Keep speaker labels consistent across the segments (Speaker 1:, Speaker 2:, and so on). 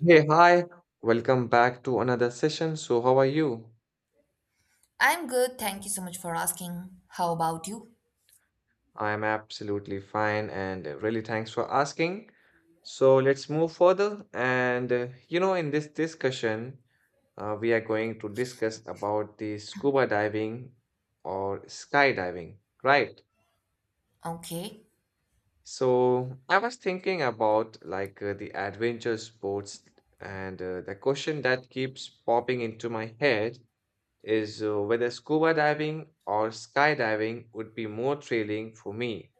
Speaker 1: Hey, hi. Welcome back to another session. So, how are you?
Speaker 2: I'm good. Thank you so much for asking. How about you?
Speaker 1: I am absolutely fine and really thanks for asking. So, let's move further. In this discussion, we are going to discuss about the scuba diving or skydiving, right?
Speaker 2: Okay,
Speaker 1: So, I was thinking about the adventure sports and the question that keeps popping into my head is whether scuba diving or skydiving would be more thrilling for me.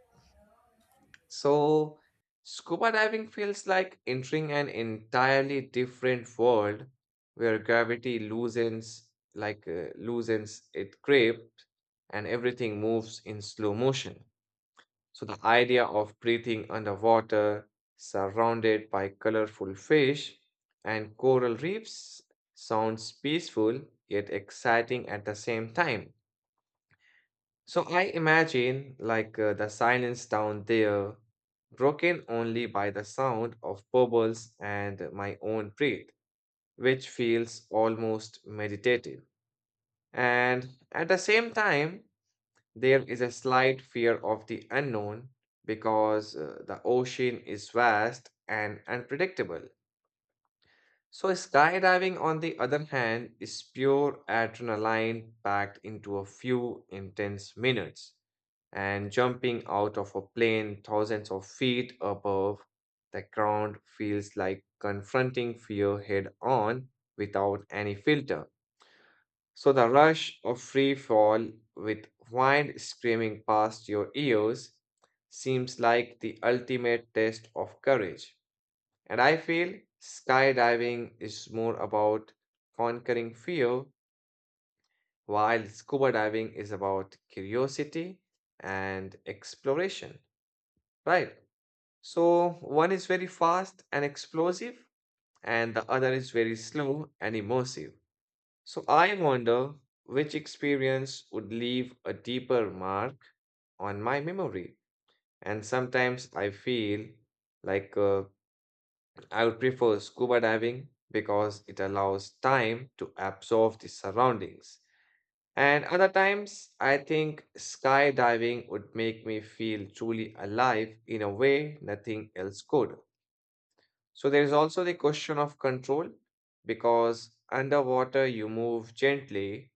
Speaker 1: So, scuba diving feels like entering an entirely different world where gravity loosens loosens its grip and everything moves in slow motion. So the idea of breathing underwater surrounded by colorful fish and coral reefs sounds peaceful yet exciting at the same time. So I imagine the silence down there, broken only by the sound of bubbles and my own breath, which feels almost meditative. And at the same time, there is a slight fear of the unknown because the ocean is vast and unpredictable. So, skydiving, on the other hand, is pure adrenaline packed into a few intense minutes. And jumping out of a plane thousands of feet above the ground feels like confronting fear head on without any filter. So, the rush of free fall with wind screaming past your ears seems like the ultimate test of courage. And I feel skydiving is more about conquering fear, while scuba diving is about curiosity and exploration, right? So one is very fast and explosive, and the other is very slow and immersive. So I wonder which experience would leave a deeper mark on my memory. And sometimes I feel like uh, I would prefer scuba diving because it allows time to absorb the surroundings. And other times, I think skydiving would make me feel truly alive in a way nothing else could. So, there is also the question of control because underwater you move gently,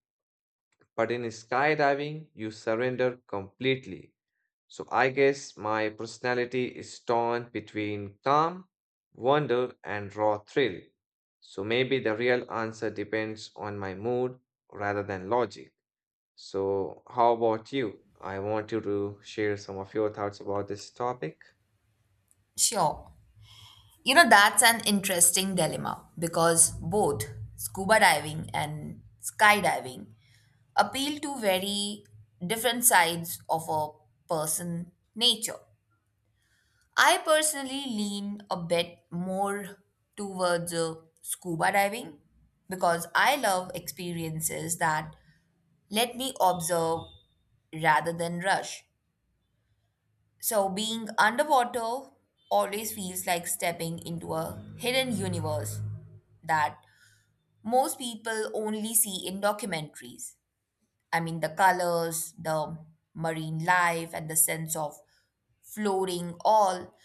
Speaker 1: but in skydiving you surrender completely. So I guess my personality is torn between calm, wonder, and raw thrill. So maybe the real answer depends on my mood rather than logic. So, how about you? I want you to share some of your thoughts about this topic.
Speaker 2: sure. You know, that's an interesting dilemma because both scuba diving and skydiving appeal to very different sides of a person nature. I personally lean a bit more towards scuba diving because I love experiences that let me observe rather than rush. So, being underwater always feels like stepping into a hidden universe that most people only see in documentaries. I mean, the colors, the marine life, and the sense of floating, all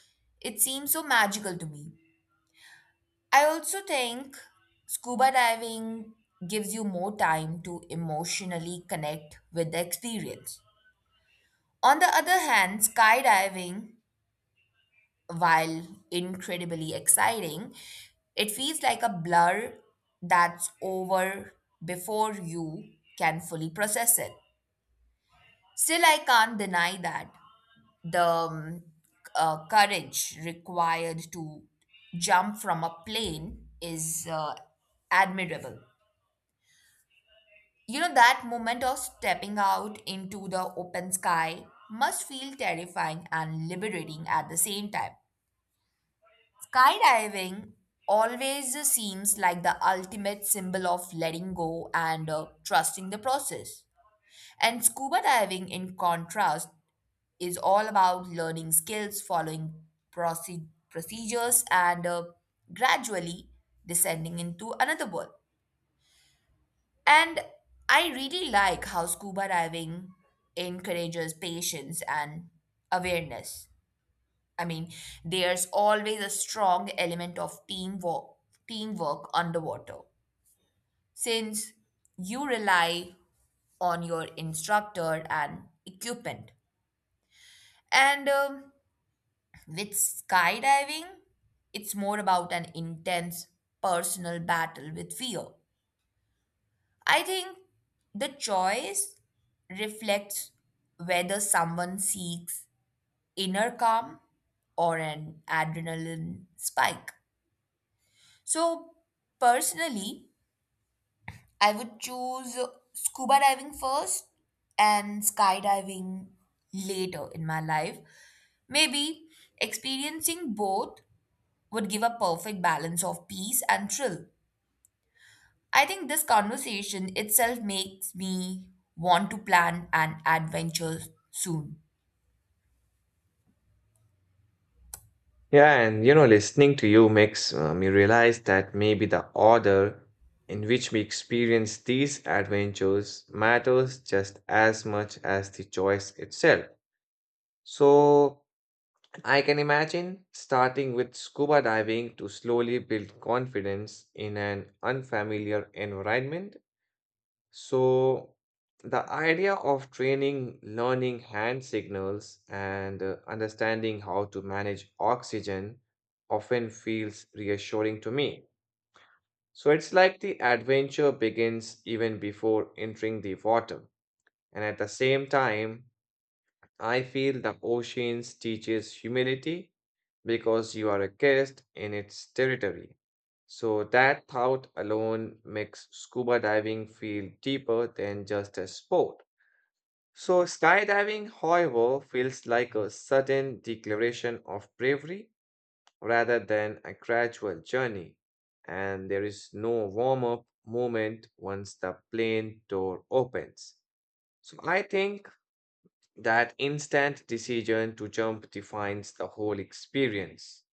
Speaker 2: it seems so magical to me. I also think scuba diving gives you more time to emotionally connect with the experience. On the other hand, skydiving while incredibly exciting, it feels like a blur that's over before you can fully process it. Still, I can't deny that the courage required to jump from a plane is admirable. You know, that moment of stepping out into the open sky must feel terrifying and liberating at the same time. Skydiving always seems like the ultimate symbol of letting go and trusting the process. And scuba diving, in contrast, is all about learning skills, following procedures, and gradually descending into another world. And I really like how scuba diving encourages patience and awareness. I mean, there's always a strong element of teamwork underwater, since you rely on your instructor and equipment. And with skydiving, it's more about an intense personal battle with fear. I think the choice reflects whether someone seeks inner calm or an adrenaline spike. So, personally, I would choose scuba diving first and skydiving later in my life. Maybe experiencing both would give a perfect balance of peace and thrill. I think this conversation itself makes me want to plan an adventure soon.
Speaker 1: Yeah, and you know, listening to you makes me realize that maybe the order in which we experience these adventures matters just as much as the choice itself. So, I can imagine starting with scuba diving to slowly build confidence in an unfamiliar environment. So, the idea of training, learning hand signals, and understanding how to manage oxygen often feels reassuring to me. So, it's like the adventure begins even before entering the water. And at the same time, I feel the oceans teaches humility because you are a guest in its territory. So that thought alone makes scuba diving feel deeper than just a sport. So skydiving, however, feels like a sudden declaration of bravery rather than a gradual journey. And there is no warm up moment once the plane door opens. So I think that instant decision to jump defines the whole experience.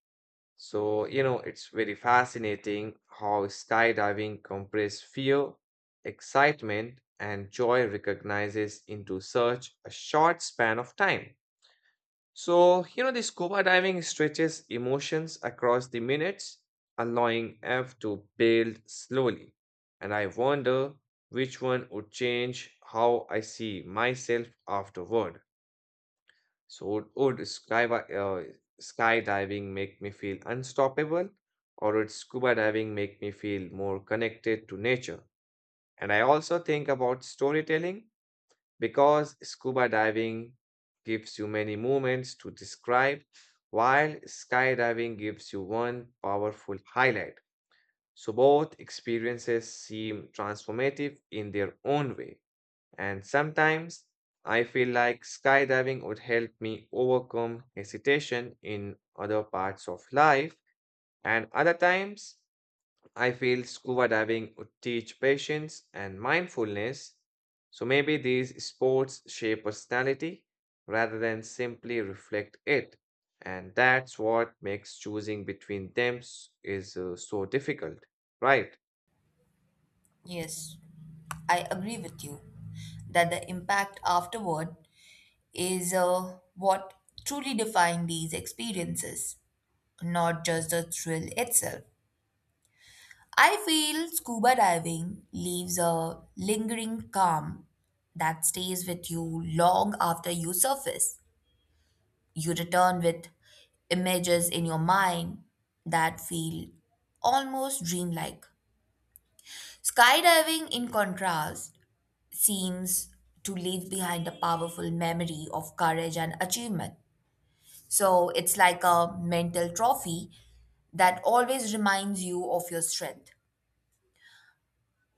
Speaker 1: So, you know, it's very fascinating how skydiving compresses fear, excitement, and joy recognizes into such a short span of time. So, you know, the scuba diving stretches emotions across the minutes, allowing F to build slowly. And I wonder which one would change how I see myself afterward. So would skydiving make me feel unstoppable, or would scuba diving make me feel more connected to nature? And I also think about storytelling because scuba diving gives you many moments to describe, while skydiving gives you one powerful highlight. So both experiences seem transformative in their own way. And sometimes I feel like skydiving would help me overcome hesitation in other parts of life. And other times I feel scuba diving would teach patience and mindfulness. So maybe these sports shape personality rather than simply reflect it. And that's what makes choosing between them s- is so difficult, right?
Speaker 2: Yes, I agree with you that the impact afterward is what truly define these experiences, not just the thrill itself. I feel scuba diving leaves a lingering calm that stays with you long after you surface. You return with images in your mind that feel almost dreamlike. Skydiving, in contrast, seems to leave behind a powerful memory of courage and achievement. So it's like a mental trophy that always reminds you of your strength.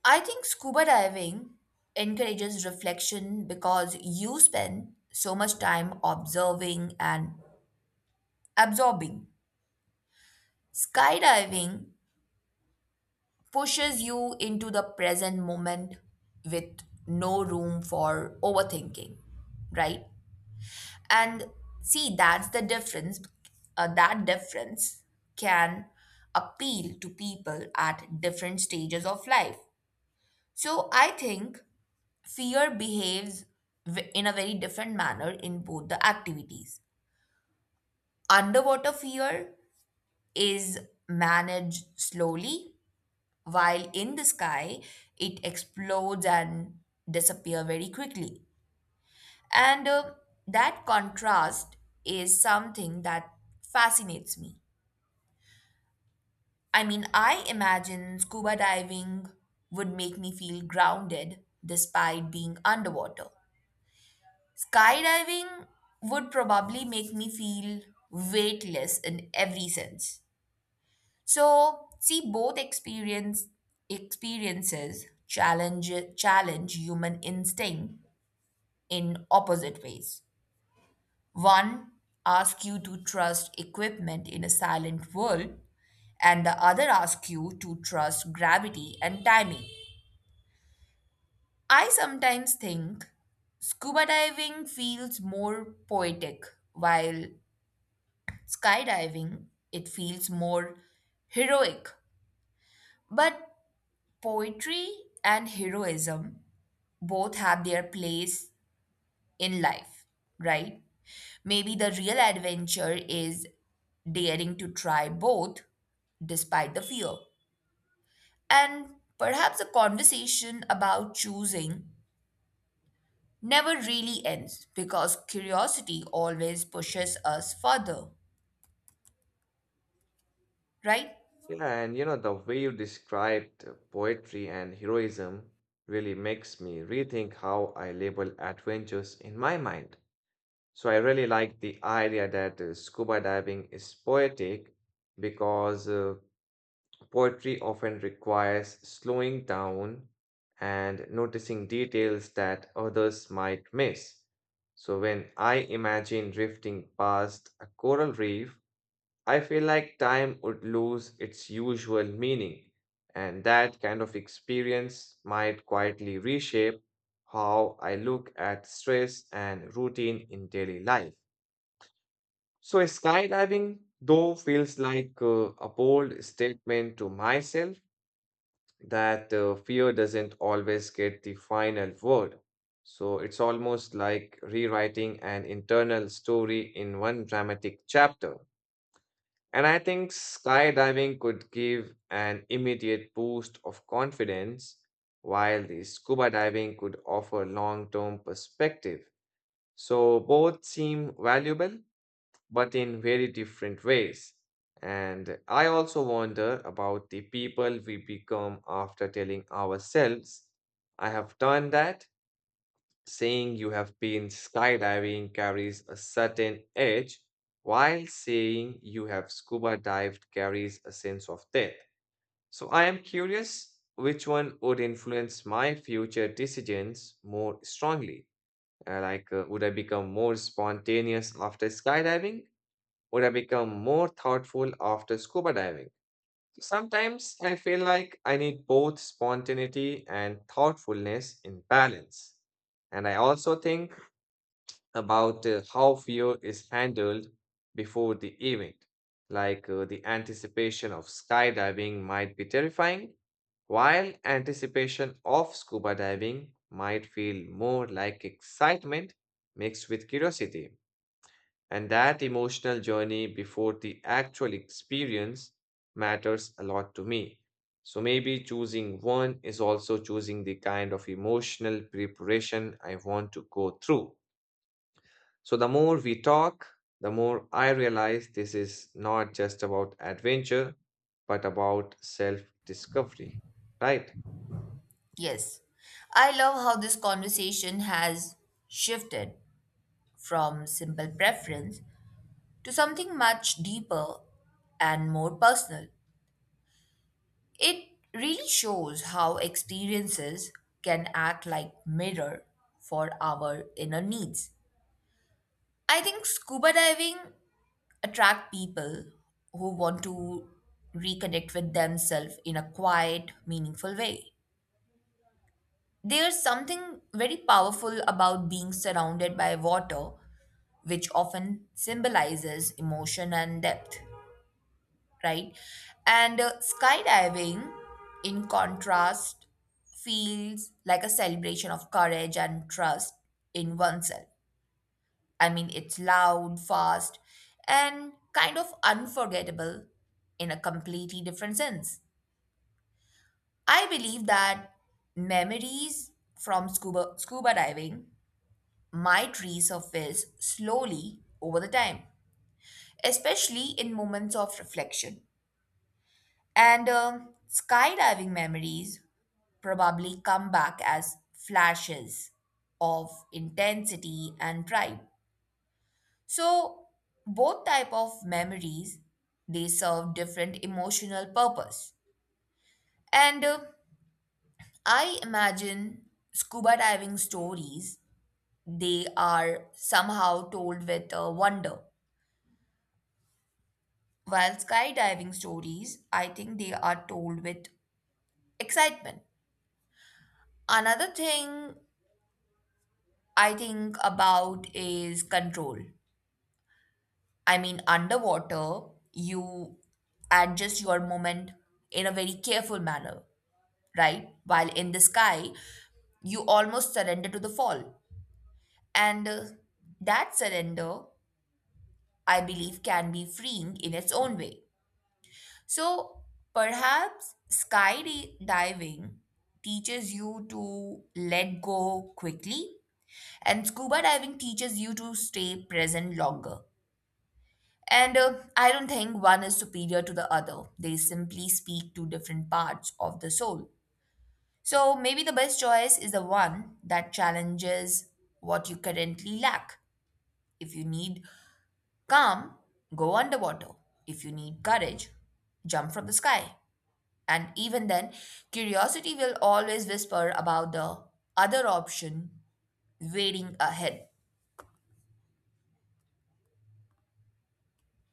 Speaker 2: I think scuba diving encourages reflection because you spend so much time observing and absorbing. Skydiving pushes you into the present moment with no room for overthinking, right? And see, that's the difference. That difference can appeal to people at different stages of life. So I think fear behaves in a very different manner in both the activities. Underwater fear is managed slowly, while in the sky, it explodes and disappear very quickly. And that contrast is something that fascinates me. I mean, I imagine scuba diving would make me feel grounded despite being underwater. Skydiving would probably make me feel weightless in every sense. So, see, both experiences challenge human instinct in opposite ways. One asks you to trust equipment in a silent world and the other asks you to trust gravity and timing. I sometimes think scuba diving feels more poetic while skydiving, it feels more heroic. But poetry and heroism both have their place in life, right? Maybe the real adventure is daring to try both despite the fear. And perhaps the conversation about choosing never really ends because curiosity always pushes us further, right?
Speaker 1: Yeah, and you know, the way you described poetry and heroism really makes me rethink how I label adventures in my mind. So I really like the idea that scuba diving is poetic because poetry often requires slowing down and noticing details that others might miss. So when I imagine drifting past a coral reef, I feel like time would lose its usual meaning, and that kind of experience might quietly reshape how I look at stress and routine in daily life. So, skydiving, though, feels like a bold statement to myself that fear doesn't always get the final word. So, it's almost like rewriting an internal story in one dramatic chapter. And I think skydiving could give an immediate boost of confidence, while the scuba diving could offer long-term perspective. So both seem valuable, but in very different ways. And I also wonder about the people we become after telling ourselves, I have done that. Saying you have been skydiving carries a certain edge, while saying you have scuba dived carries a sense of depth. So I am curious which one would influence my future decisions more strongly. Would I become more spontaneous after skydiving? Would I become more thoughtful after scuba diving? Sometimes I feel like I need both spontaneity and thoughtfulness in balance. And I also think about how fear is handled before the event. The anticipation of skydiving might be terrifying, while anticipation of scuba diving might feel more like excitement mixed with curiosity. And that emotional journey before the actual experience matters a lot to me. So maybe choosing one is also choosing the kind of emotional preparation I want to go through. So, the more we talk, the more I realize this is not just about adventure, but about self discovery, right?
Speaker 2: Yes, I love how this conversation has shifted from simple preference to something much deeper and more personal. It really shows how experiences can act like mirror for our inner needs. I think scuba diving attract people who want to reconnect with themselves in a quiet, meaningful way. There's something very powerful about being surrounded by water, which often symbolizes emotion and depth, right? And skydiving, in contrast, feels like a celebration of courage and trust in oneself. I mean, it's loud, fast, and kind of unforgettable in a completely different sense. I believe that memories from scuba diving might resurface slowly over the time, especially in moments of reflection. And skydiving memories probably come back as flashes of intensity and pride. So both type of memories, they serve different emotional purpose. And I imagine scuba diving stories, they are somehow told with wonder, while skydiving stories I think they are told with excitement. Another thing I think about is control. I mean, underwater, you adjust your movement in a very careful manner, right? While in the sky, you almost surrender to the fall. And that surrender, I believe, can be freeing in its own way. So perhaps skydiving teaches you to let go quickly, and scuba diving teaches you to stay present longer. And I don't think one is superior to the other. They simply speak to different parts of the soul. So maybe the best choice is the one that challenges what you currently lack. If you need calm, go underwater. If you need courage, jump from the sky. And even then, curiosity will always whisper about the other option waiting ahead.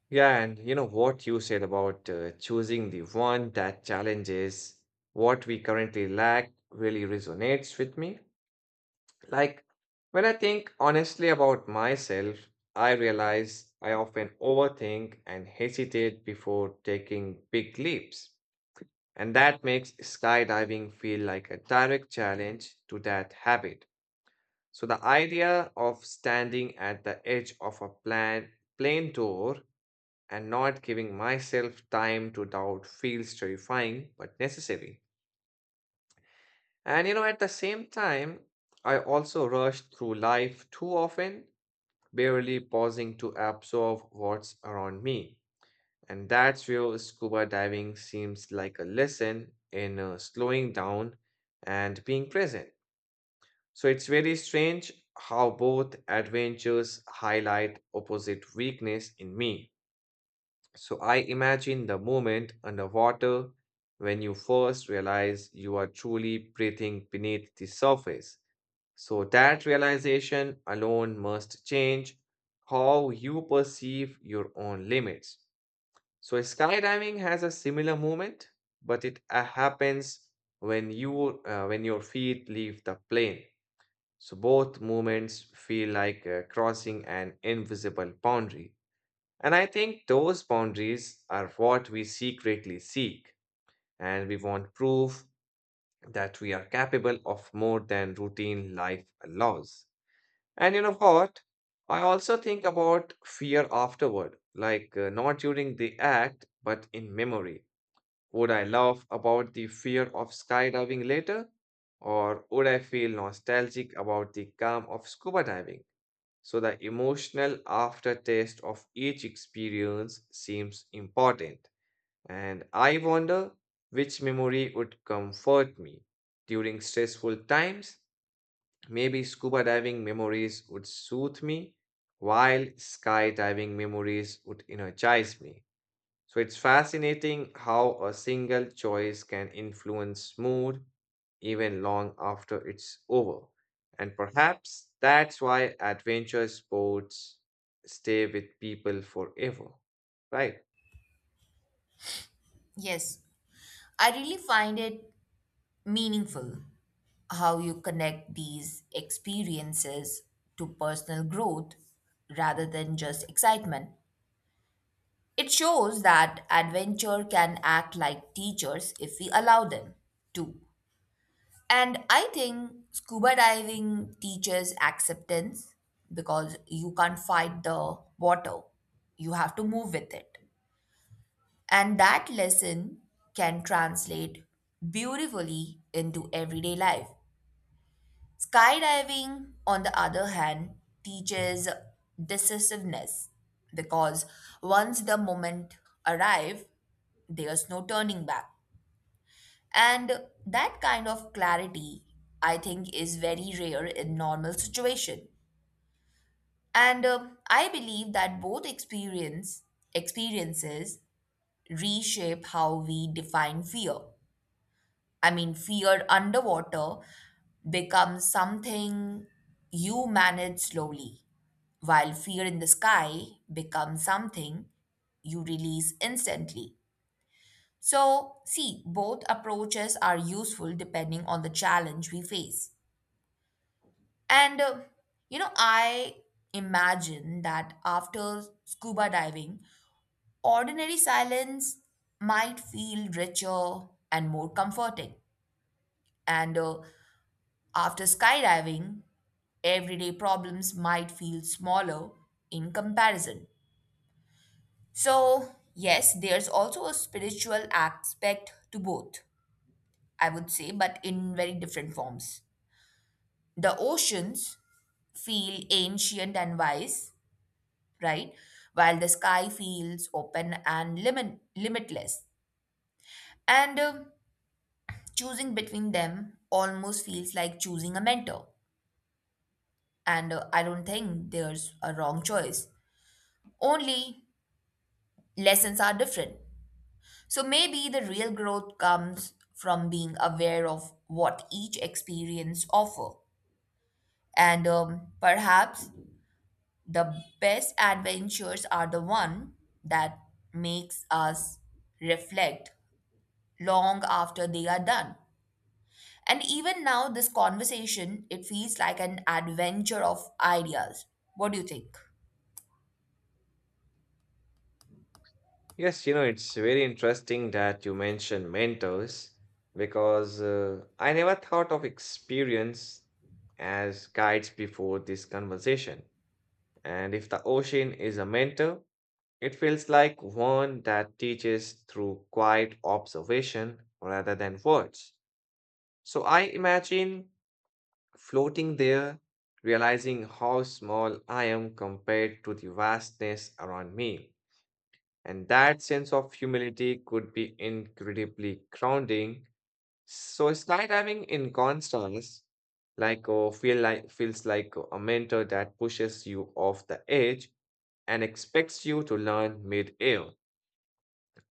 Speaker 1: Yeah, and you know what you said about choosing the one that challenges what we currently lack really resonates with me. Like, when I think honestly about myself, I realize I often overthink and hesitate before taking big leaps. And that makes skydiving feel like a direct challenge to that habit. So the idea of standing at the edge of a plane door and not giving myself time to doubt feels terrifying but necessary. And you know, at the same time, I also rush through life too often, barely pausing to absorb what's around me. And that's where scuba diving seems like a lesson in slowing down and being present. So it's very strange how both adventures highlight opposite weakness in me. So I imagine the moment underwater when you first realize you are truly breathing beneath the surface. So that realization alone must change how you perceive your own limits. So skydiving has a similar movement, but it happens when your feet leave the plane. So both movements feel like crossing an invisible boundary. And I think those boundaries are what we secretly seek, and we want proof that we are capable of more than routine life allows. And you know what? I also think about fear afterward, not during the act, but in memory would I laugh about the fear of skydiving later? Or would I feel nostalgic about the calm of scuba diving? So, the emotional aftertaste of each experience seems important. And I wonder which memory would comfort me during stressful times. Maybe scuba diving memories would soothe me, while skydiving memories would energize me. So it's fascinating how a single choice can influence mood even long after it's over. And perhaps that's why adventure sports stay with people forever. Right.
Speaker 2: Yes, I really find it meaningful how you connect these experiences to personal growth rather than just excitement. It shows that adventure can act like teachers if we allow them to. And I think scuba diving teaches acceptance because you can't fight the water, you have to move with it. And that lesson can translate beautifully into everyday life. Skydiving, on the other hand, teaches decisiveness because once the moment arrives, there's no turning back. And that kind of clarity, I think, is very rare in normal situation. And I believe that both experiences reshape how we define fear. I mean, fear underwater becomes something you manage slowly, while fear in the sky becomes something you release instantly. So, see, both approaches are useful depending on the challenge we face. And, uh, you know, I imagine that after scuba diving, ordinary silence might feel richer and more comforting. And after skydiving, everyday problems might feel smaller in comparison. So, yes, there's also a spiritual aspect to both, I would say, but in very different forms. The oceans feel ancient and wise, right? While the sky feels open and limitless. And choosing between them almost feels like choosing a mentor. And I don't think there's a wrong choice. Only lessons are different. So maybe the real growth comes from being aware of what each experience offer. And perhaps the best adventures are the one that makes us reflect long after they are done. And even now this conversation it feels like an adventure of ideas. What do you think?
Speaker 1: Yes, you know, it's very interesting that you mentioned mentors because I never thought of experience as guides before this conversation. And if the ocean is a mentor, it feels like one that teaches through quiet observation rather than words. So I imagine floating there, realizing how small I am compared to the vastness around me. And that sense of humility could be incredibly grounding. So skydiving in contrast, feels like a mentor that pushes you off the edge and expects you to learn mid-air.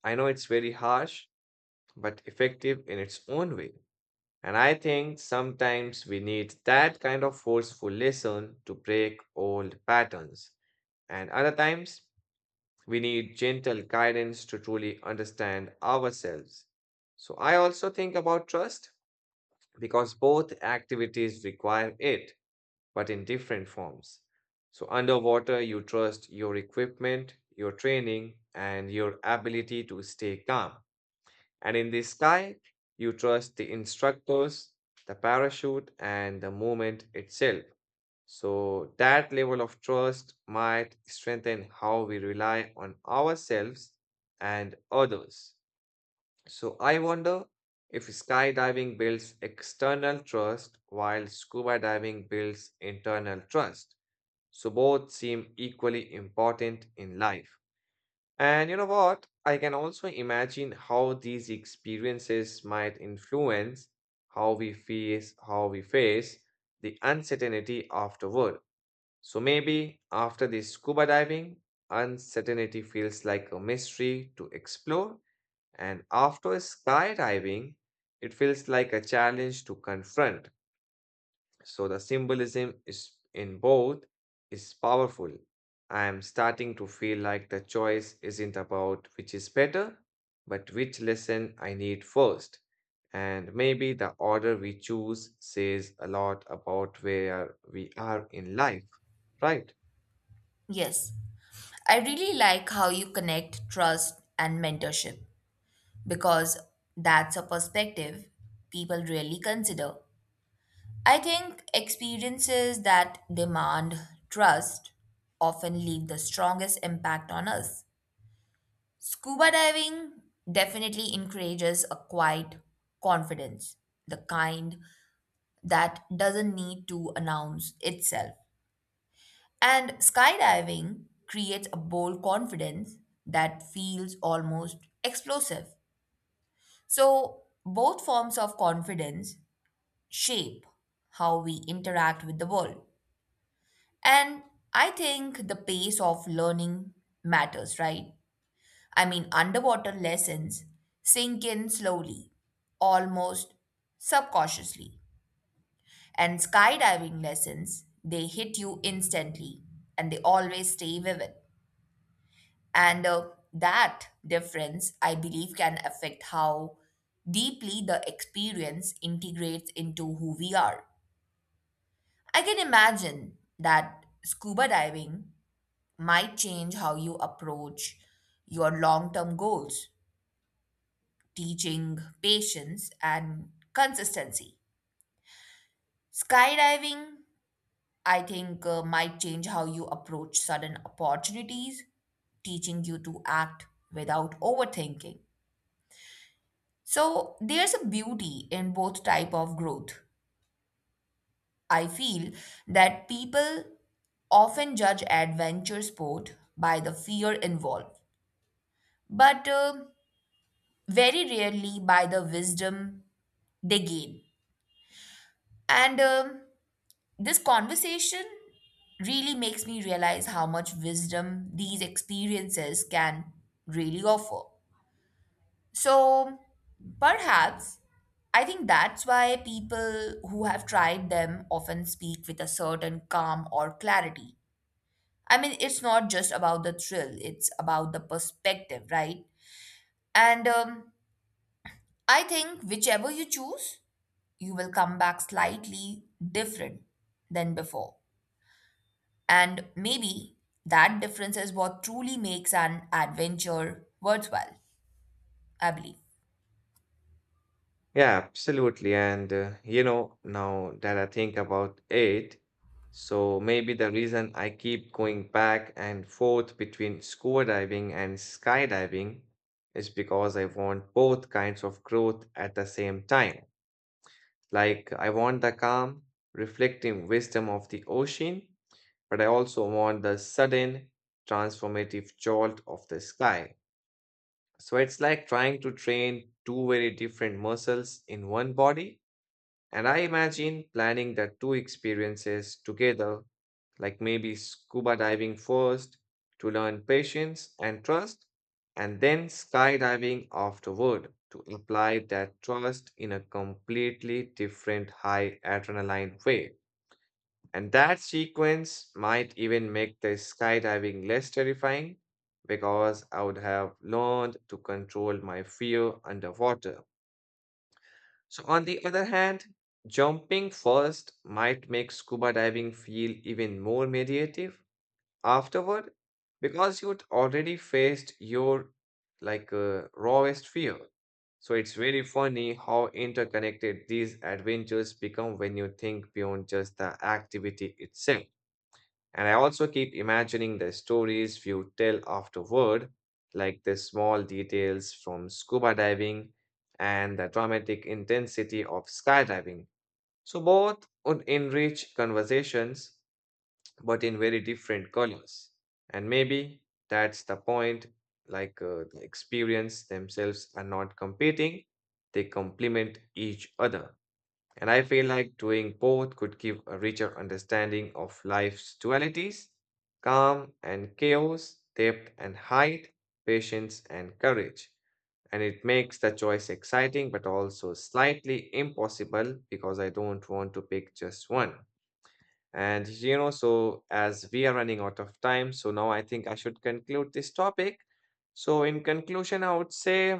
Speaker 1: I know it's very harsh, but effective in its own way. And I think sometimes we need that kind of forceful lesson to break old patterns. And other times, we need gentle guidance to truly understand ourselves. So I also think about trust because both activities require it, but in different forms. So underwater, you trust your equipment, your training, and your ability to stay calm. And in the sky, you trust the instructors, the parachute, and the movement itself. So, that level of trust might strengthen how we rely on ourselves and others. So, I wonder if skydiving builds external trust while scuba diving builds internal trust. So, both seem equally important in life. And you know what? I can also imagine how these experiences might influence how we face the uncertainty afterward. So maybe after the scuba diving, uncertainty feels like a mystery to explore, and after skydiving, it feels like a challenge to confront. So the symbolism is in both is powerful. I am starting to feel like the choice isn't about which is better, but which lesson I need first. And maybe the order we choose says a lot about where we are in life, right?
Speaker 2: Yes. I really like how you connect trust and mentorship because that's a perspective people really consider. I think experiences that demand trust often leave the strongest impact on us. Scuba diving definitely encourages a quiet confidence, the kind that doesn't need to announce itself. And skydiving creates a bold confidence that feels almost explosive. So, both forms of confidence shape how we interact with the world. And I think the pace of learning matters, right? I mean, underwater lessons sink in slowly, almost subconsciously. And skydiving lessons, they hit you instantly and they always stay vivid. And that difference, I believe, can affect how deeply the experience integrates into who we are. I can imagine that scuba diving might change how you approach your long term goals, teaching patience and consistency. Skydiving, I think, might change how you approach sudden opportunities, teaching you to act without overthinking. So there's a beauty in both type of growth. I feel that people often judge adventure sport by the fear involved, but very rarely by the wisdom they gain. And this conversation really makes me realize how much wisdom these experiences can really offer. So perhaps I think that's why people who have tried them often speak with a certain calm or clarity. I mean, it's not just about the thrill, it's about the perspective, right? And I think whichever you choose, you will come back slightly different than before. And maybe that difference is what truly makes an adventure worthwhile, I believe.
Speaker 1: Yeah, absolutely. And you know, now that I think about it, so maybe the reason I keep going back and forth between scuba diving and skydiving is because I want both kinds of growth at the same time. Like, I want the calm, reflective wisdom of the ocean, but I also want the sudden, transformative jolt of the sky. So it's like trying to train two very different muscles in one body and I imagine planning the two experiences together, like maybe scuba diving first to learn patience and trust, and then skydiving afterward to apply that trust in a completely different high adrenaline way. And that sequence might even make the skydiving less terrifying because I would have learned to control my fear underwater. So, on the other hand, jumping first might make scuba diving feel even more meditative afterward because you'd already faced your rawest fear. So, it's very funny how interconnected these adventures become when you think beyond just the activity itself. And I also keep imagining the stories you tell afterward, like the small details from scuba diving and the dramatic intensity of skydiving. So both would enrich conversations, but in very different colors. And maybe that's the point, the experience themselves are not competing, they complement each other. And I feel like doing both could give a richer understanding of life's dualities calm and chaos, depth and height, patience and courage. And it makes the choice exciting but also slightly impossible because I don't want to pick just one. And you know, so as we are running out of time, so now I think I should conclude this topic. So, in conclusion, I would say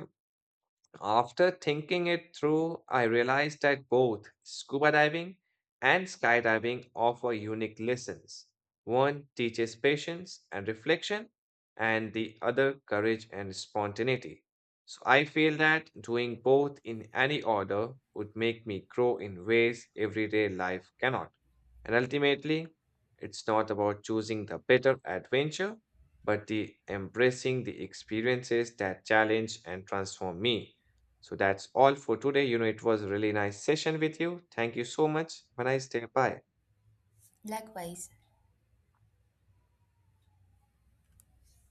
Speaker 1: after thinking it through, I realized that both scuba diving and skydiving offer unique lessons. One teaches patience and reflection, and the other courage and spontaneity. So I feel that doing both in any order would make me grow in ways everyday life cannot. And ultimately, it's not about choosing the better adventure, but the embracing the experiences that challenge and transform me. So that's all for today. You know, it was a really nice session with you. Thank you so much. Have a nice day. Bye.
Speaker 2: Likewise,